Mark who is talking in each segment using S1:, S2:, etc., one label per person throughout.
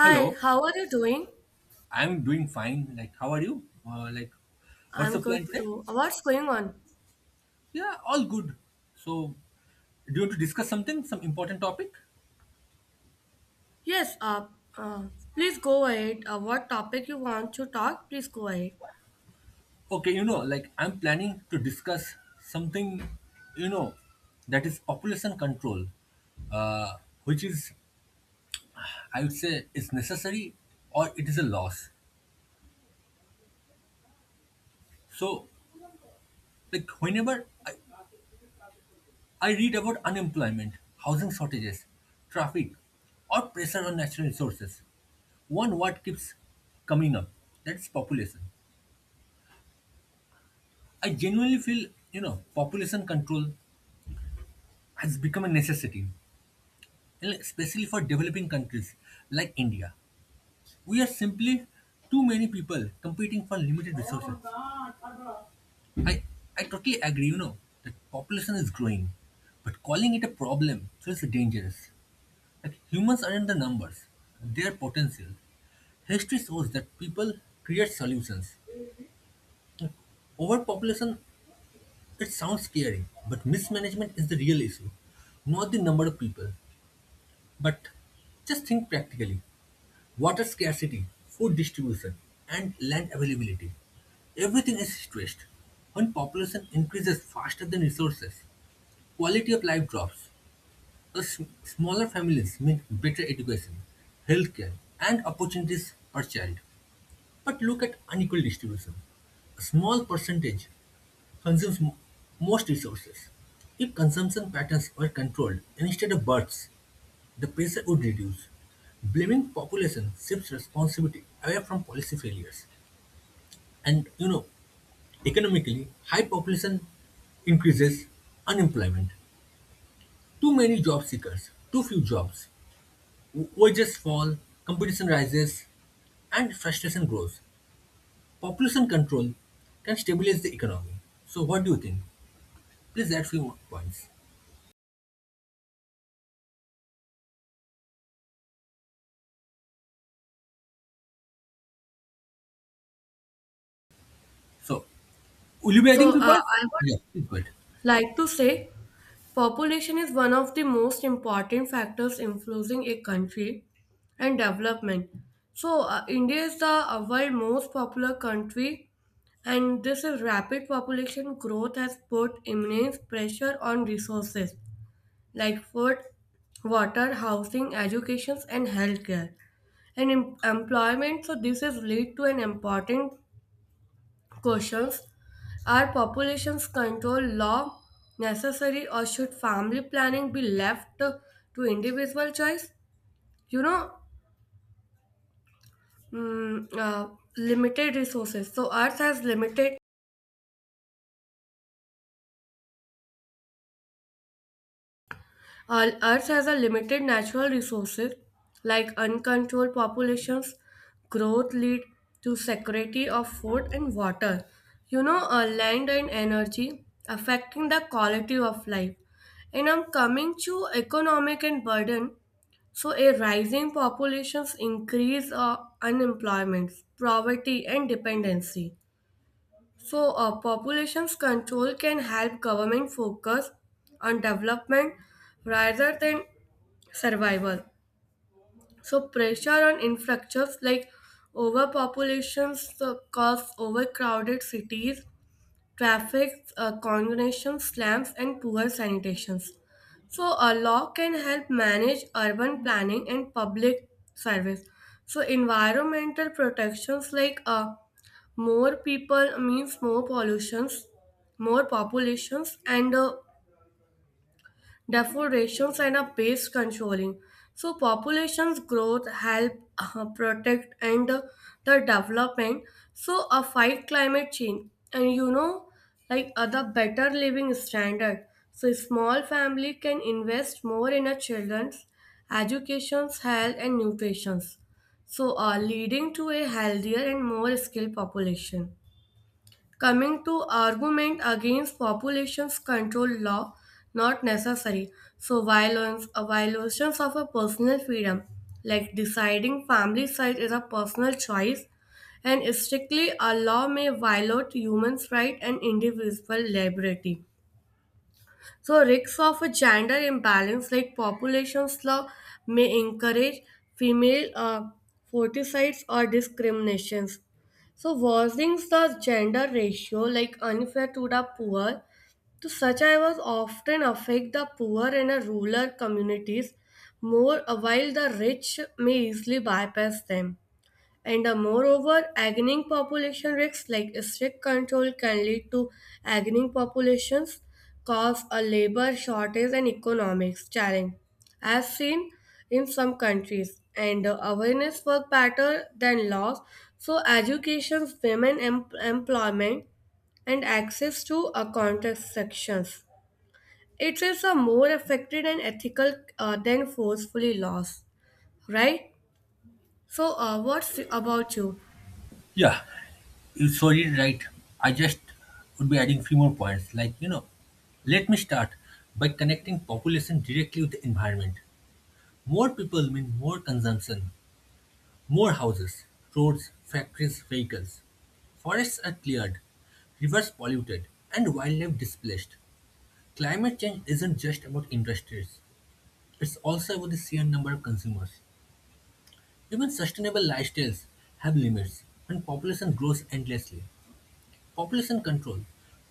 S1: Hi,
S2: Hello,
S1: how are you doing?
S2: I'm doing fine. How are you? Uh, like, what's
S1: I'm
S2: the
S1: good
S2: plan today?
S1: too. What's going on?
S2: Yeah, all good. So, do you want to discuss something, some important topic?
S1: Yes, uh, please go ahead. What topic you want to talk, please go ahead.
S2: Okay, I'm planning to discuss something, you know, that is population control, uh, which is, I would say, is necessary or it is a loss. So, like, whenever I read about unemployment, housing shortages, traffic, or pressure on natural resources. One word keeps coming up, that's population. I genuinely feel, population control has become a necessity, and especially for developing countries like India. We are simply too many people competing for limited resources. I i totally agree, that population is growing, but calling it a problem feels dangerous. Like, humans aren't the numbers, they are potential. History shows that people create solutions. Overpopulation. It sounds scary, but mismanagement is the real issue. Not the number of people, but just think practically. Water scarcity, food distribution, and land availability. Everything is stressed. When population increases faster than resources, quality of life drops. Smaller families mean better education, healthcare, and opportunities per child. But look at unequal distribution. A small percentage consumes most resources. If consumption patterns were controlled instead of births, the pressure would reduce. Blaming population shifts responsibility away from policy failures. And you know, economically, high population increases unemployment. Too many job seekers, too few jobs, wages fall, competition rises, and frustration grows. Population control can stabilize the economy. So, what do you think? Please add few more points. So, will you be adding
S1: So,
S2: people?
S1: I
S2: Yeah,
S1: would
S2: please go.
S1: like to say population is one of the most important factors influencing a country and development. So, India is the world most popular country, and this is rapid population growth has put immense pressure on resources like food, water, housing, education, and healthcare, and employment. So this is lead to an important questions: are populations control law necessary, or should family planning be left to individual choice? You know, mm, uh, Limited resources. So Earth has limited Our Earth has a limited natural resources like uncontrolled populations, growth lead to security of food and water. Land and energy affecting the quality of life. And I'm coming to economic and burden. So a rising populations increase unemployment, poverty and dependency. So, populations control can help government focus on development rather than survival. So, pressure on infrastructures like overpopulations cause overcrowded cities traffic congestion, slums, and poor sanitation. So, a law can help manage urban planning and public service. So, environmental protections like more people means more pollutions, more populations, and deforestation and a pest controlling. So populations growth help protect and the development. So a fight climate change and like other better living standard. So small family can invest more in a children's educations, health and nutritions. So are leading to a healthier and more skilled population. Coming to argument against populations control law, not necessary. So violence, a violations of a personal freedom, like deciding family size is a personal choice, and strictly a law may violate human rights and individual liberty. So risks of a gender imbalance like population slough may encourage female forticides or discriminations. So worsening the gender ratio like unfair to the poor to such was often affect the poor and the rural communities more while the rich may easily bypass them. And moreover, aging population risks like strict control can lead to aging populations, cause a labor shortage and economics challenge, as seen in some countries. And awareness work better than laws. So education, women employment, and access to contraceptions. It is a more effective and ethical than forcefully laws, right? So, what's about you?
S2: Yeah, you saw it right. I just would be adding few more points. Like, you know, let me start by connecting population directly with the environment. More people mean more consumption, more houses, roads, factories, vehicles. Forests are cleared, rivers polluted, and wildlife displaced. Climate change isn't just about industries, it's also about the sheer number of consumers. Even sustainable lifestyles have limits when population grows endlessly. Population control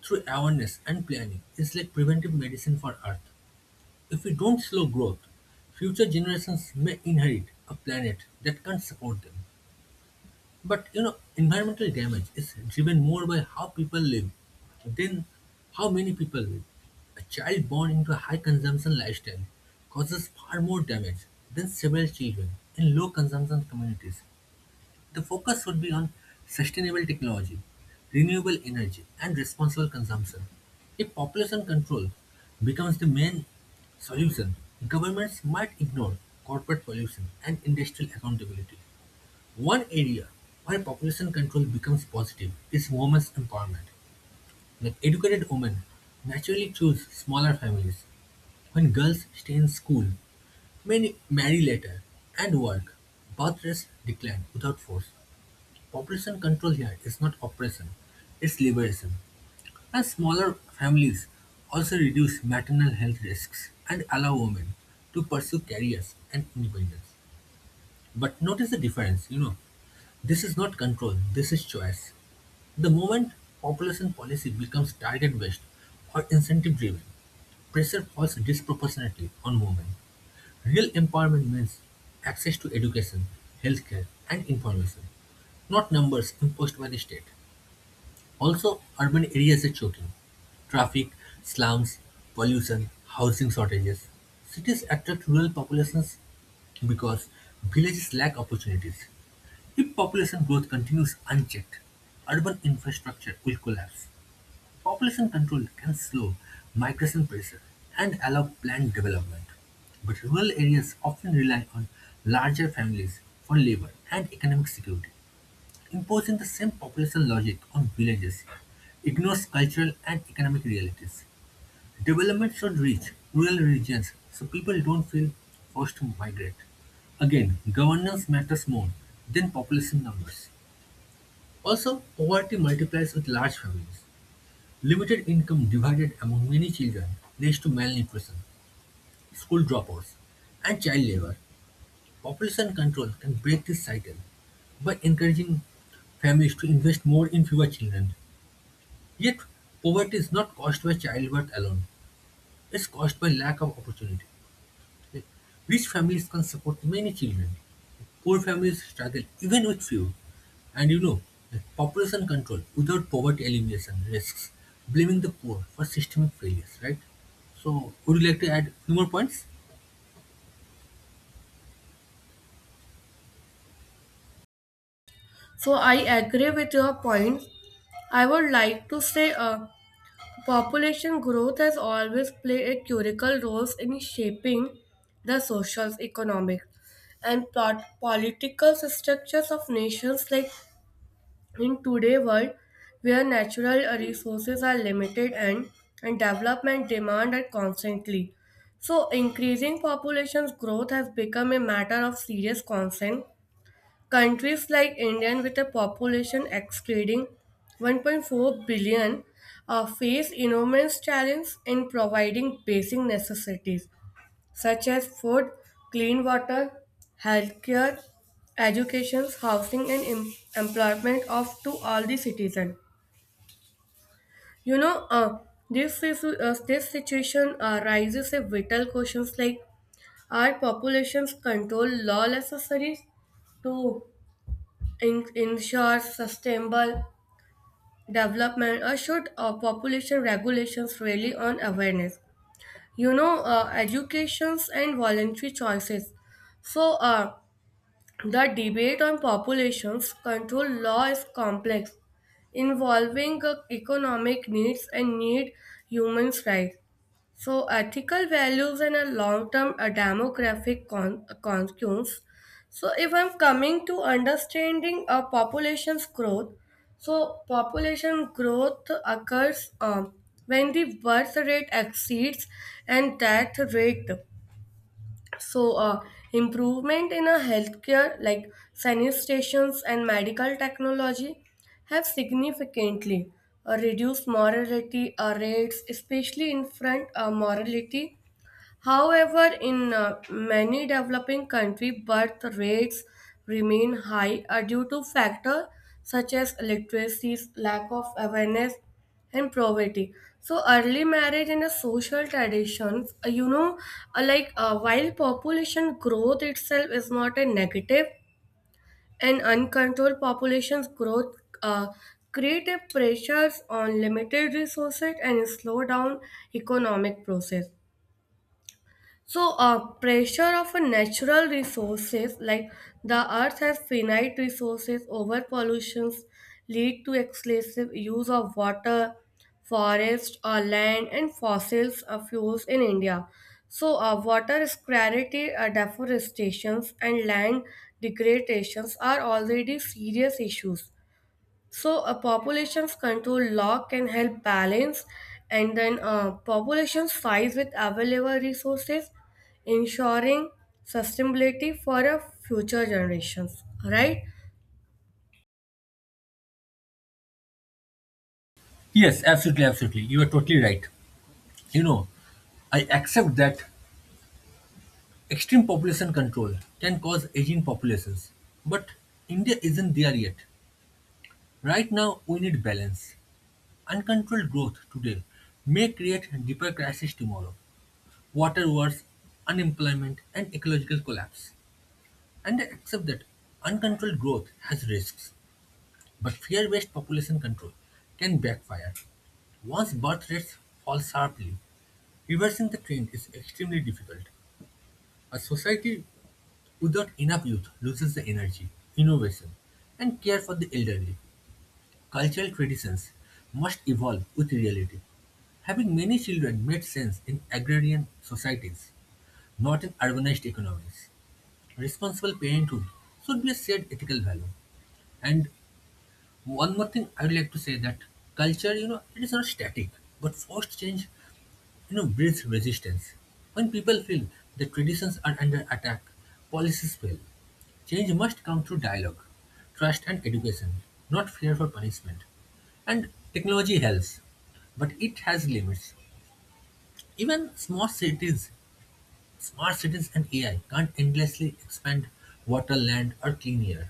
S2: through awareness and planning is like preventive medicine for Earth. If we don't slow growth, future generations may inherit a planet that can't support them. But you know, environmental damage is driven more by how people live than how many people live. A child born into a high consumption lifestyle causes far more damage than several children in low consumption communities. The focus would be on sustainable technology, renewable energy, and responsible consumption. If population control becomes the main solution, governments might ignore corporate pollution and industrial accountability. One area where population control becomes positive is women's empowerment. Like, educated women naturally choose smaller families. When girls stay in school, many marry later and work, birth rates decline without force. Population control here is not oppression, it's liberation. And smaller families also reduce maternal health risks and allow women to pursue careers and independence. But notice the difference, you know, this is not control, this is choice. The moment population policy becomes target based or incentive driven, pressure falls disproportionately on women. Real empowerment means access to education, healthcare, and information, not numbers imposed by the state. Also, urban areas are choking. Traffic, slums, pollution, housing shortages. Cities attract rural populations because villages lack opportunities. If population growth continues unchecked, urban infrastructure will collapse. Population control can slow migration pressure and allow planned development. But rural areas often rely on larger families for labor and economic security. Imposing the same population logic on villages ignores cultural and economic realities. Development should reach rural regions so people don't feel forced to migrate. Again, governance matters more than population numbers. Also, poverty multiplies with large families. Limited income divided among many children leads to malnutrition, school dropouts, and child labor. Population control can break this cycle by encouraging families to invest more in fewer children. Yet, poverty is not caused by childbirth alone. It's caused by lack of opportunity. Rich families can support many children. Poor families struggle even with few. And you know, population control without poverty elimination risks blaming the poor for systemic failures, right? So, would you like to add few more points?
S1: So I agree with your points. I would like to say population growth has always played a critical role in shaping the social, economic, and political structures of nations like in today's world where natural resources are limited and development demand are constantly. So increasing population's growth has become a matter of serious concern. Countries like India, with a population exceeding 1.4 billion, face enormous challenges in providing basic necessities such as food, clean water, healthcare, education, housing, and employment of to all the citizens. You know, uh, this situation arises a vital questions like are populations control law necessary to ensures sustainable development, or should population regulations really on awareness, educations and voluntary choices. So the debate on populations control law is complex, involving economic needs and need human rights, so ethical values and a long-term a demographic concerns. So, if I'm coming to understanding a population's growth, so population growth occurs when the birth rate exceeds and death rate. So improvement in a healthcare like sanitations and medical technology have significantly reduced mortality rates, especially infant mortality. However, in many developing countries, birth rates remain high due to factors such as illiteracy, lack of awareness, and poverty. So, early marriage and the social traditions, like while population growth itself is not a negative, and uncontrolled population's growth uh, create a pressures on limited resources and slow down economic process. So, pressure of a natural resources like the earth has finite resources. Over pollutions lead to excessive use of water, forest, or land, and fossils fuels in India. So, water scarcity, deforestations, and land degradations are already serious issues. So a population's control law can help balance and then population size with available resources, ensuring sustainability for a future generations, right?
S2: Yes, absolutely, absolutely. You are totally right. You know, I accept that extreme population control can cause aging populations, but India isn't there yet. Right now, we need balance. Uncontrolled growth today may create deeper crises tomorrow. Water wars, unemployment, and ecological collapse. And I accept that uncontrolled growth has risks, but fear-based population control can backfire. Once birth rates fall sharply, reversing the trend is extremely difficult. A society without enough youth loses the energy, innovation, and care for the elderly. Cultural traditions must evolve with reality. Having many children made sense in agrarian societies, not in urbanized economies. Responsible parenthood should be a shared ethical value. And one more thing I would like to say that culture, you know, it is not static, but forced change, you know, breeds resistance. When people feel that traditions are under attack, policies fail. Change must come through dialogue, trust, and education, not fear for punishment. And technology helps, but it has limits. Even small cities, smart cities, and AI can't endlessly expand water, land, or clean air.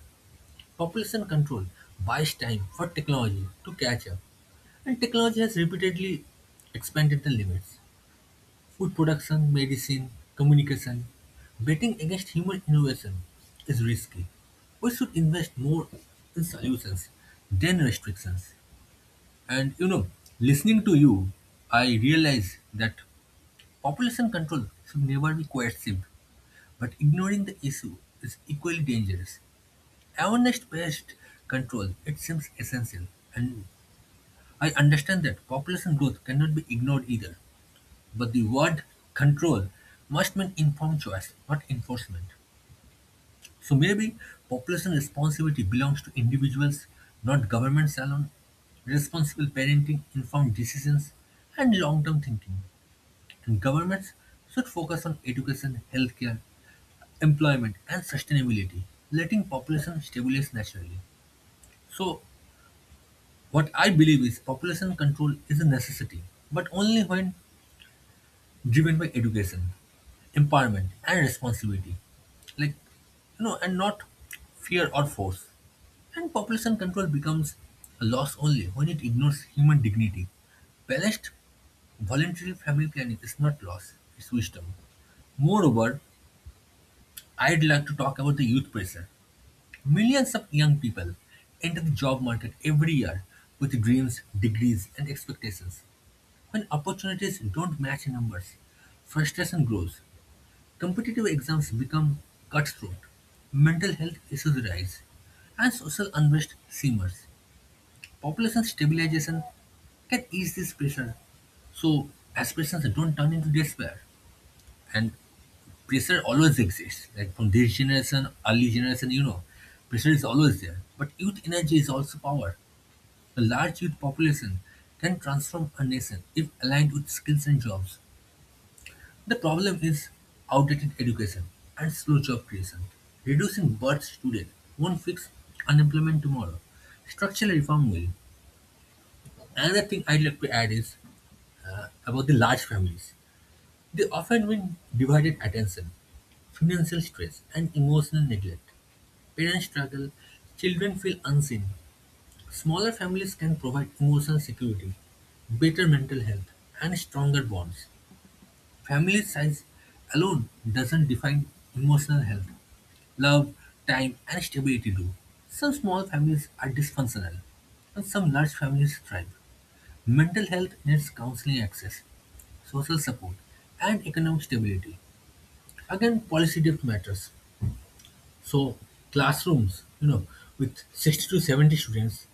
S2: Population control buys time for technology to catch up, and technology has repeatedly expanded the limits. Food production, medicine, communication. Betting against human innovation is risky. We should invest more in solutions than restrictions. And you know, listening to you, I realize that population control should never be coercive, but ignoring the issue is equally dangerous. Awareness-based control, it seems essential. And I understand that population growth cannot be ignored either. But the word control must mean informed choice, not enforcement. So maybe population responsibility belongs to individuals, not governments alone. Responsible parenting, informed decisions, and long term thinking. And governments should focus on education, healthcare, employment, and sustainability, letting population stabilize naturally. So, what I believe is population control is a necessity, but only when driven by education, empowerment and responsibility, like, and not fear or force. And population control becomes a loss only when it ignores human dignity. Balanced voluntary family planning is not loss, it's wisdom. Moreover, I'd like to talk about the youth pressure. Millions of young people enter the job market every year with dreams, degrees and expectations. When opportunities don't match numbers, frustration grows. Competitive exams become cutthroat, mental health issues rise, and social unrest simmers. Population stabilization can ease this pressure so aspirations don't turn into despair. And pressure always exists, like from this generation, early generation, you know, pressure is always there. But youth energy is also power. A large youth population can transform a nation if aligned with skills and jobs. The problem is outdated education and slow job creation. Reducing births today won't fix unemployment tomorrow. Structural reform will. Another thing I'd like to add is, about the large families. They often win divided attention, financial stress, and emotional neglect. Parents struggle, children feel unseen. Smaller families can provide emotional security, better mental health, and stronger bonds. Family size alone doesn't define emotional health. Love, time, and stability do. Some small families are dysfunctional, and some large families thrive. Mental health needs counseling access, social support, and economic stability. Again, policy depth matters. So, classrooms, you know, with 60 to 70 students,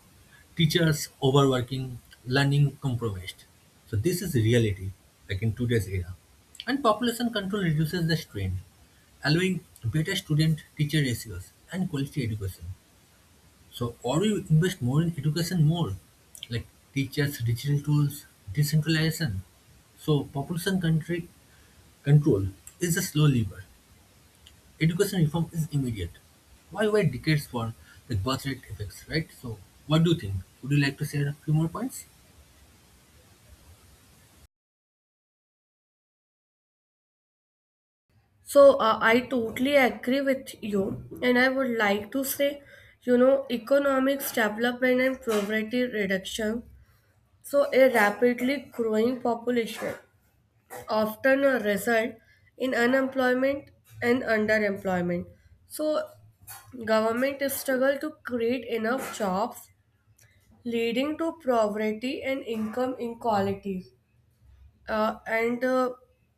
S2: teachers overworking, learning compromised. So this is reality, like in today's era. And population control reduces the strain, allowing better student-teacher ratios and quality education. So, or we invest more in education more, like teachers, digital tools, decentralization. So, population country control is a slow lever. Education reform is immediate. Why wait decades for the birth rate effects, right? So, what do you think? Would you like to share a few more points?
S1: So I totally agree with you, and I would like to say, you know, economics development and poverty reduction. So a rapidly growing population often a result in unemployment and underemployment. So government struggle to create enough jobs leading to poverty and income inequalities, and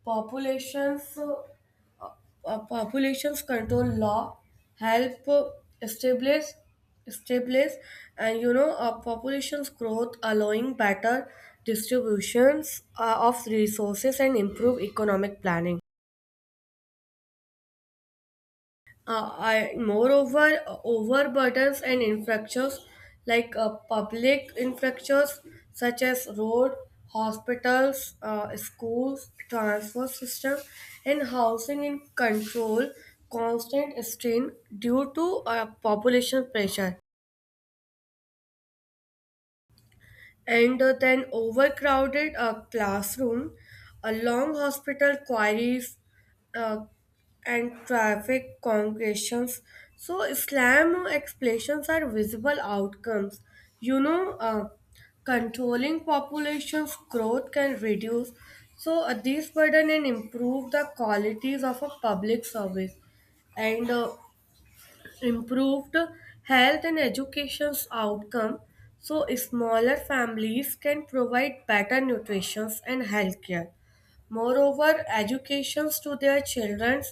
S1: populations uh, populations control law help establish establish and population's growth allowing better distributions of resources and improve economic planning. Moreover, overburdens and infrastructures like public infrastructures such as road, hospitals, schools, transport system, and housing in control constant strain due to population pressure, and then overcrowded classroom, a long hospital queries, uh, and traffic congregations. So Islam explanations are visible outcomes. You know, uh, Controlling population's growth can reduce these burden and improve the qualities of a public service, and improved health and education's outcome. So smaller families can provide better nutrition and health care, moreover educations to their children.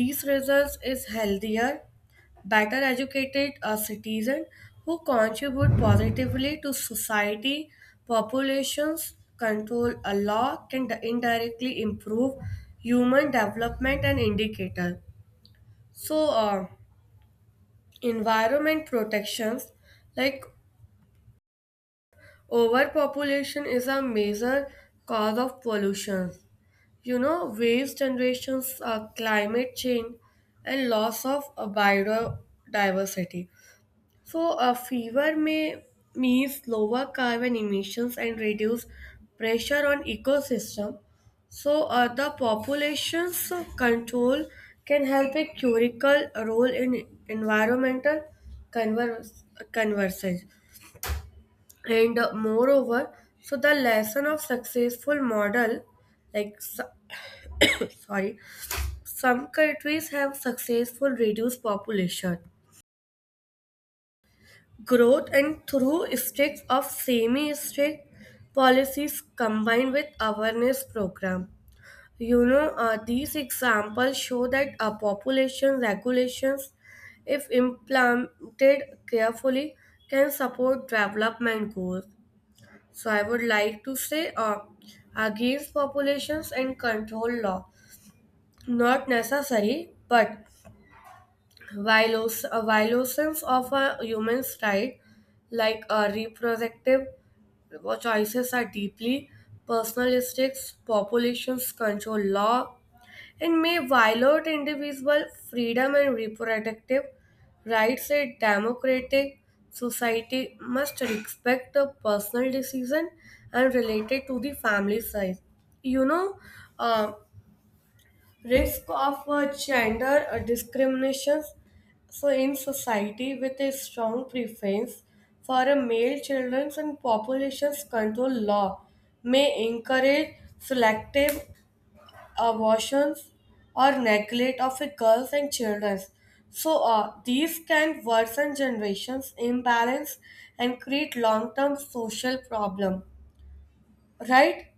S1: These results is healthier, better educated a citizen who contribute positively to society. Populations control a law can indirectly improve human development and indicator. So environment protections like overpopulation is a major cause of pollution, waste generations, climate change and loss of biodiversity. So, a fever may means lower carbon emissions and reduce pressure on ecosystem. So, the population's control can help a critical role in environmental converse, conversions. And moreover, so the lesson of successful model, like sorry, some countries have successful reduced population growth and through sticks of semi-strict policies combined with awareness program. These examples show that population regulations, if implemented carefully, can support development goals. So I would like to say against populations and control law, not necessary, but violations of a human's right, like a reproductive, because choices are deeply personalistic, populations control law, and may violate individual freedom and reproductive rights. A democratic society must respect the personal decision and related to the family size. You know, uh, Risk of gender discriminations. So, in society with a strong preference for a male children and populations control law may encourage selective abortions or neglect of a girls and children. So, these can worsen generations imbalance and create long-term social problem, right?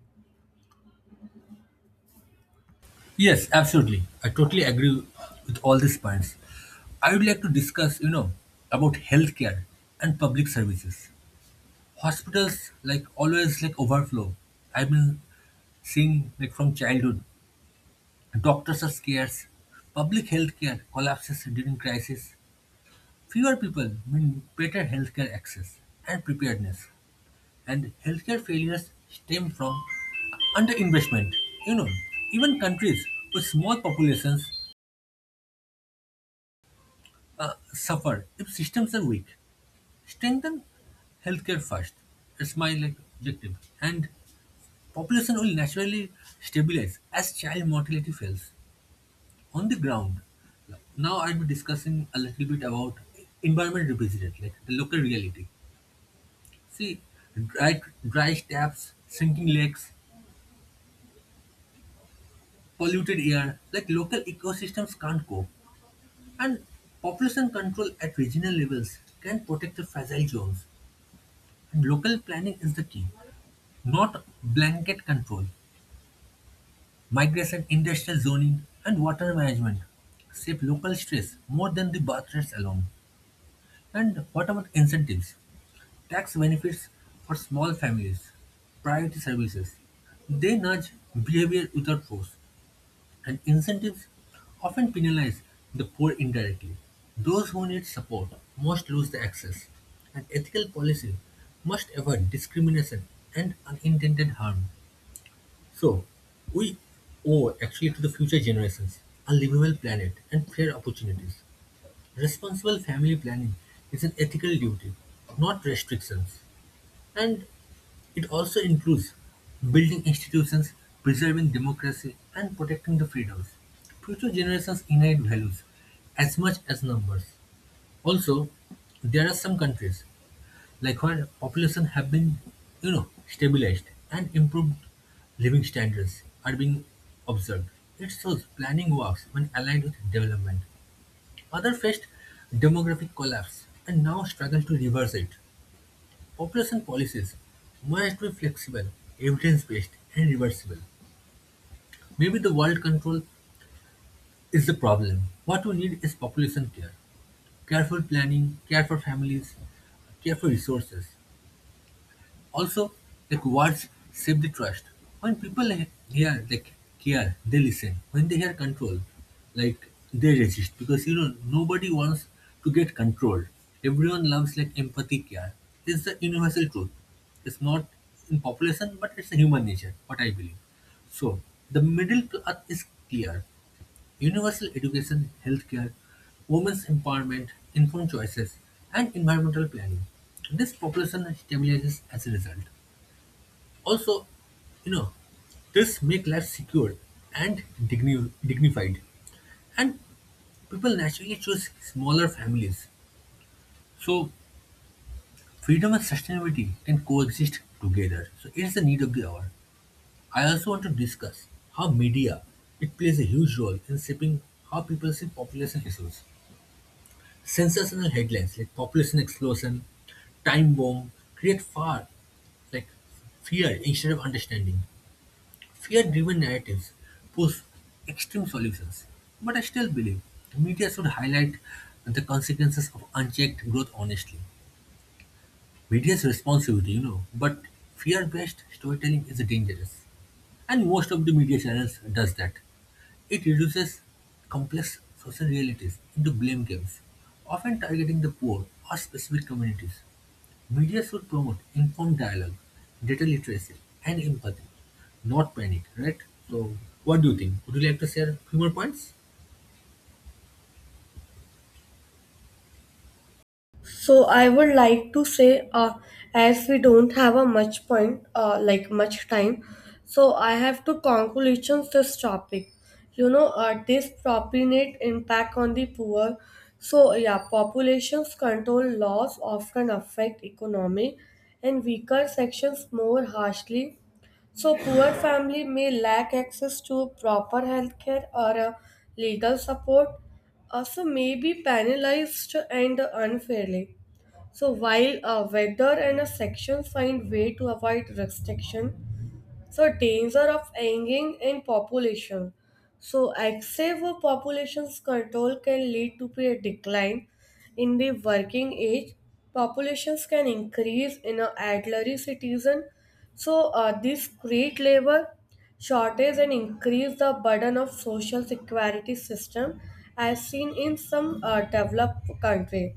S2: Yes, absolutely. I totally agree with all these points. I would like to discuss, you know, about healthcare and public services. Hospitals like always like overflow. I've been seeing like from childhood, doctors are scarce. Public healthcare collapses during crisis. Fewer people mean better healthcare access and preparedness. And healthcare failures stem from underinvestment. You know, even countries with small populations suffer if systems are weak. Strengthen healthcare first. It's my like objective. And population will naturally stabilize as child mortality falls. On the ground, now I'll be discussing a little bit about environment represented, like the local reality. See, dry, dry taps, sinking lakes, polluted air, like local ecosystems can't cope. And population control at regional levels can protect the fragile zones. And local planning is the key. Not blanket control, migration, industrial zoning, and water management save local stress more than the birth rates alone. And what about incentives? Tax benefits for small families, priority services. They nudge behavior without force, and incentives often penalize the poor indirectly. Those who need support must lose the access, and ethical policy must avoid discrimination and unintended harm. So, we owe actually to the future generations a livable planet and fair opportunities. Responsible family planning is an ethical duty, not restrictions. And it also includes building institutions, preserving democracy, and protecting the freedoms. Future generations inherit values as much as numbers. Also, there are some countries likewise, population have been, stabilized and improved living standards are being observed. It shows planning works when aligned with development. Other faced demographic collapse and now struggle to reverse it. Population policies must be flexible, evidence-based, and reversible. Maybe the world control is the problem. What we need is population care, careful planning, care for families, care for resources. Also, like words save the trust. When people hear like care, they listen. When they hear control, like they resist because you know nobody wants to get controlled. Everyone loves like empathy care. It's the universal truth. It's not in population, but it's a human nature. What I believe. So the middle path is clear. Universal education, healthcare, women's empowerment, informed choices, and environmental planning. This population stabilizes as a result. Also, you know, this make life secure and dignified, and people naturally choose smaller families. So, freedom and sustainability can coexist together. So, it's the need of the hour. I also want to discuss how media it plays a huge role in shaping how people see population issues. Sensational headlines like population explosion, time bomb create far like fear instead of understanding. Fear-driven narratives push extreme solutions, but I still believe media should highlight the consequences of unchecked growth honestly. Media's responsibility, you know, but fear-based storytelling is dangerous. And most of the media channels does that. It reduces complex social realities into blame games, often targeting the poor or specific communities. Media should promote informed dialogue, data literacy, and empathy, not panic, right? So, what do you think? Would you like to share few more points?
S1: So I would like to say, as we don't have a much point, like much time, so I have to conclusions this topic. This propinate impact on the poor. So, yeah, populations control laws often affect economy and weaker sections more harshly. So poor family may lack access to proper healthcare or legal support, also may be penalized and unfairly. So while a vector and a section find way to avoid restriction, so danger of hanging in population. So excessive population's control can lead to a decline in the working age. Populations can increase in a elderly citizen. So this create labor shortage and increase the burden of social security system, as seen in some developed country.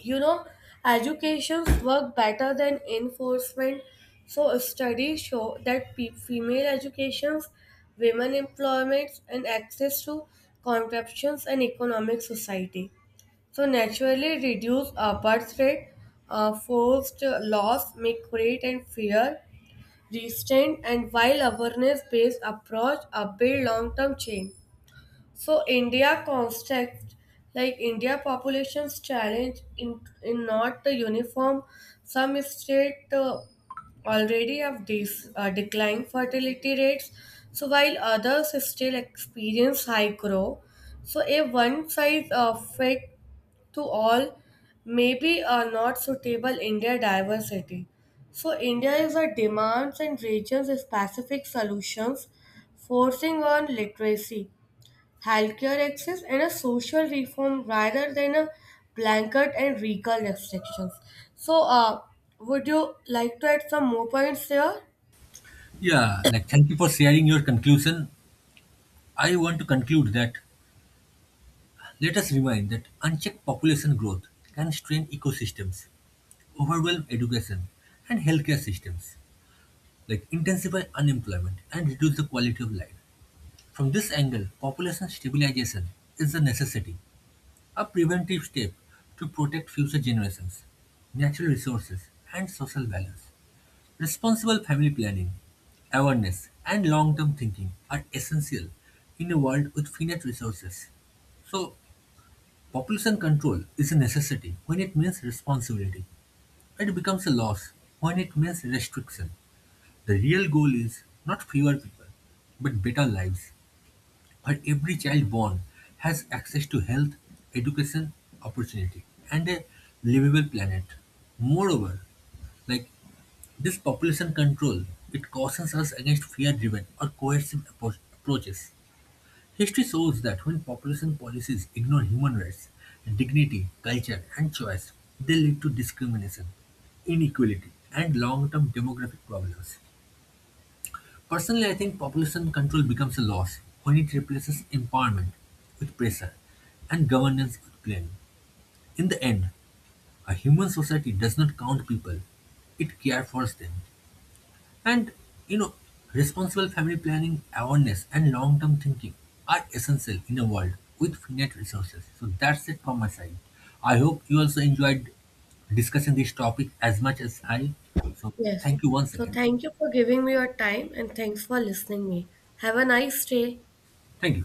S1: You know educations work better than enforcement. So studies show that female educations, women employments and access to contraceptions and economic society, so naturally reduce birth rate. Forced loss may create and fear restraint, and while awareness based approach build long term change. So India context, like India population's challenge in not the uniform, some state already have these declined fertility rates. So while others still experience high growth, so a one size fit to all may be not suitable India diversity. So India is a demands and regions specific solutions, forcing on literacy, healthcare access and a social reform rather than a blanket and recall restrictions. So, would you like to add some more points here?
S2: Yeah, like thank you for sharing your conclusion. I want to conclude that let us remind that unchecked population growth can strain ecosystems, overwhelm education and healthcare systems, like intensify unemployment and reduce the quality of life. From this angle, population stabilization is a necessity, a preventive step to protect future generations, natural resources, and social balance. Responsible family planning, awareness, and long term thinking are essential in a world with finite resources. So, population control is a necessity when it means responsibility. It becomes a loss when it means restriction. The real goal is not fewer people, but better lives where every child born has access to health, education, opportunity, and a livable planet. Moreover, like this population control, it cautions us against fear-driven or coercive approaches. History shows that when population policies ignore human rights, dignity, culture, and choice, they lead to discrimination, inequality, and long-term demographic problems. Personally, I think population control becomes a loss when it replaces empowerment with pressure and governance with blame. In the end, a human society does not count people, it cares for them. And, you know, responsible family planning, awareness, and long term thinking are essential in a world with finite resources. So that's it from my side. I hope you also enjoyed discussing this topic as much as I. So
S1: Yes.
S2: thank you once
S1: So,
S2: again.
S1: thank you for giving me your time and thanks for listening me. Have a nice day.
S2: Thank you.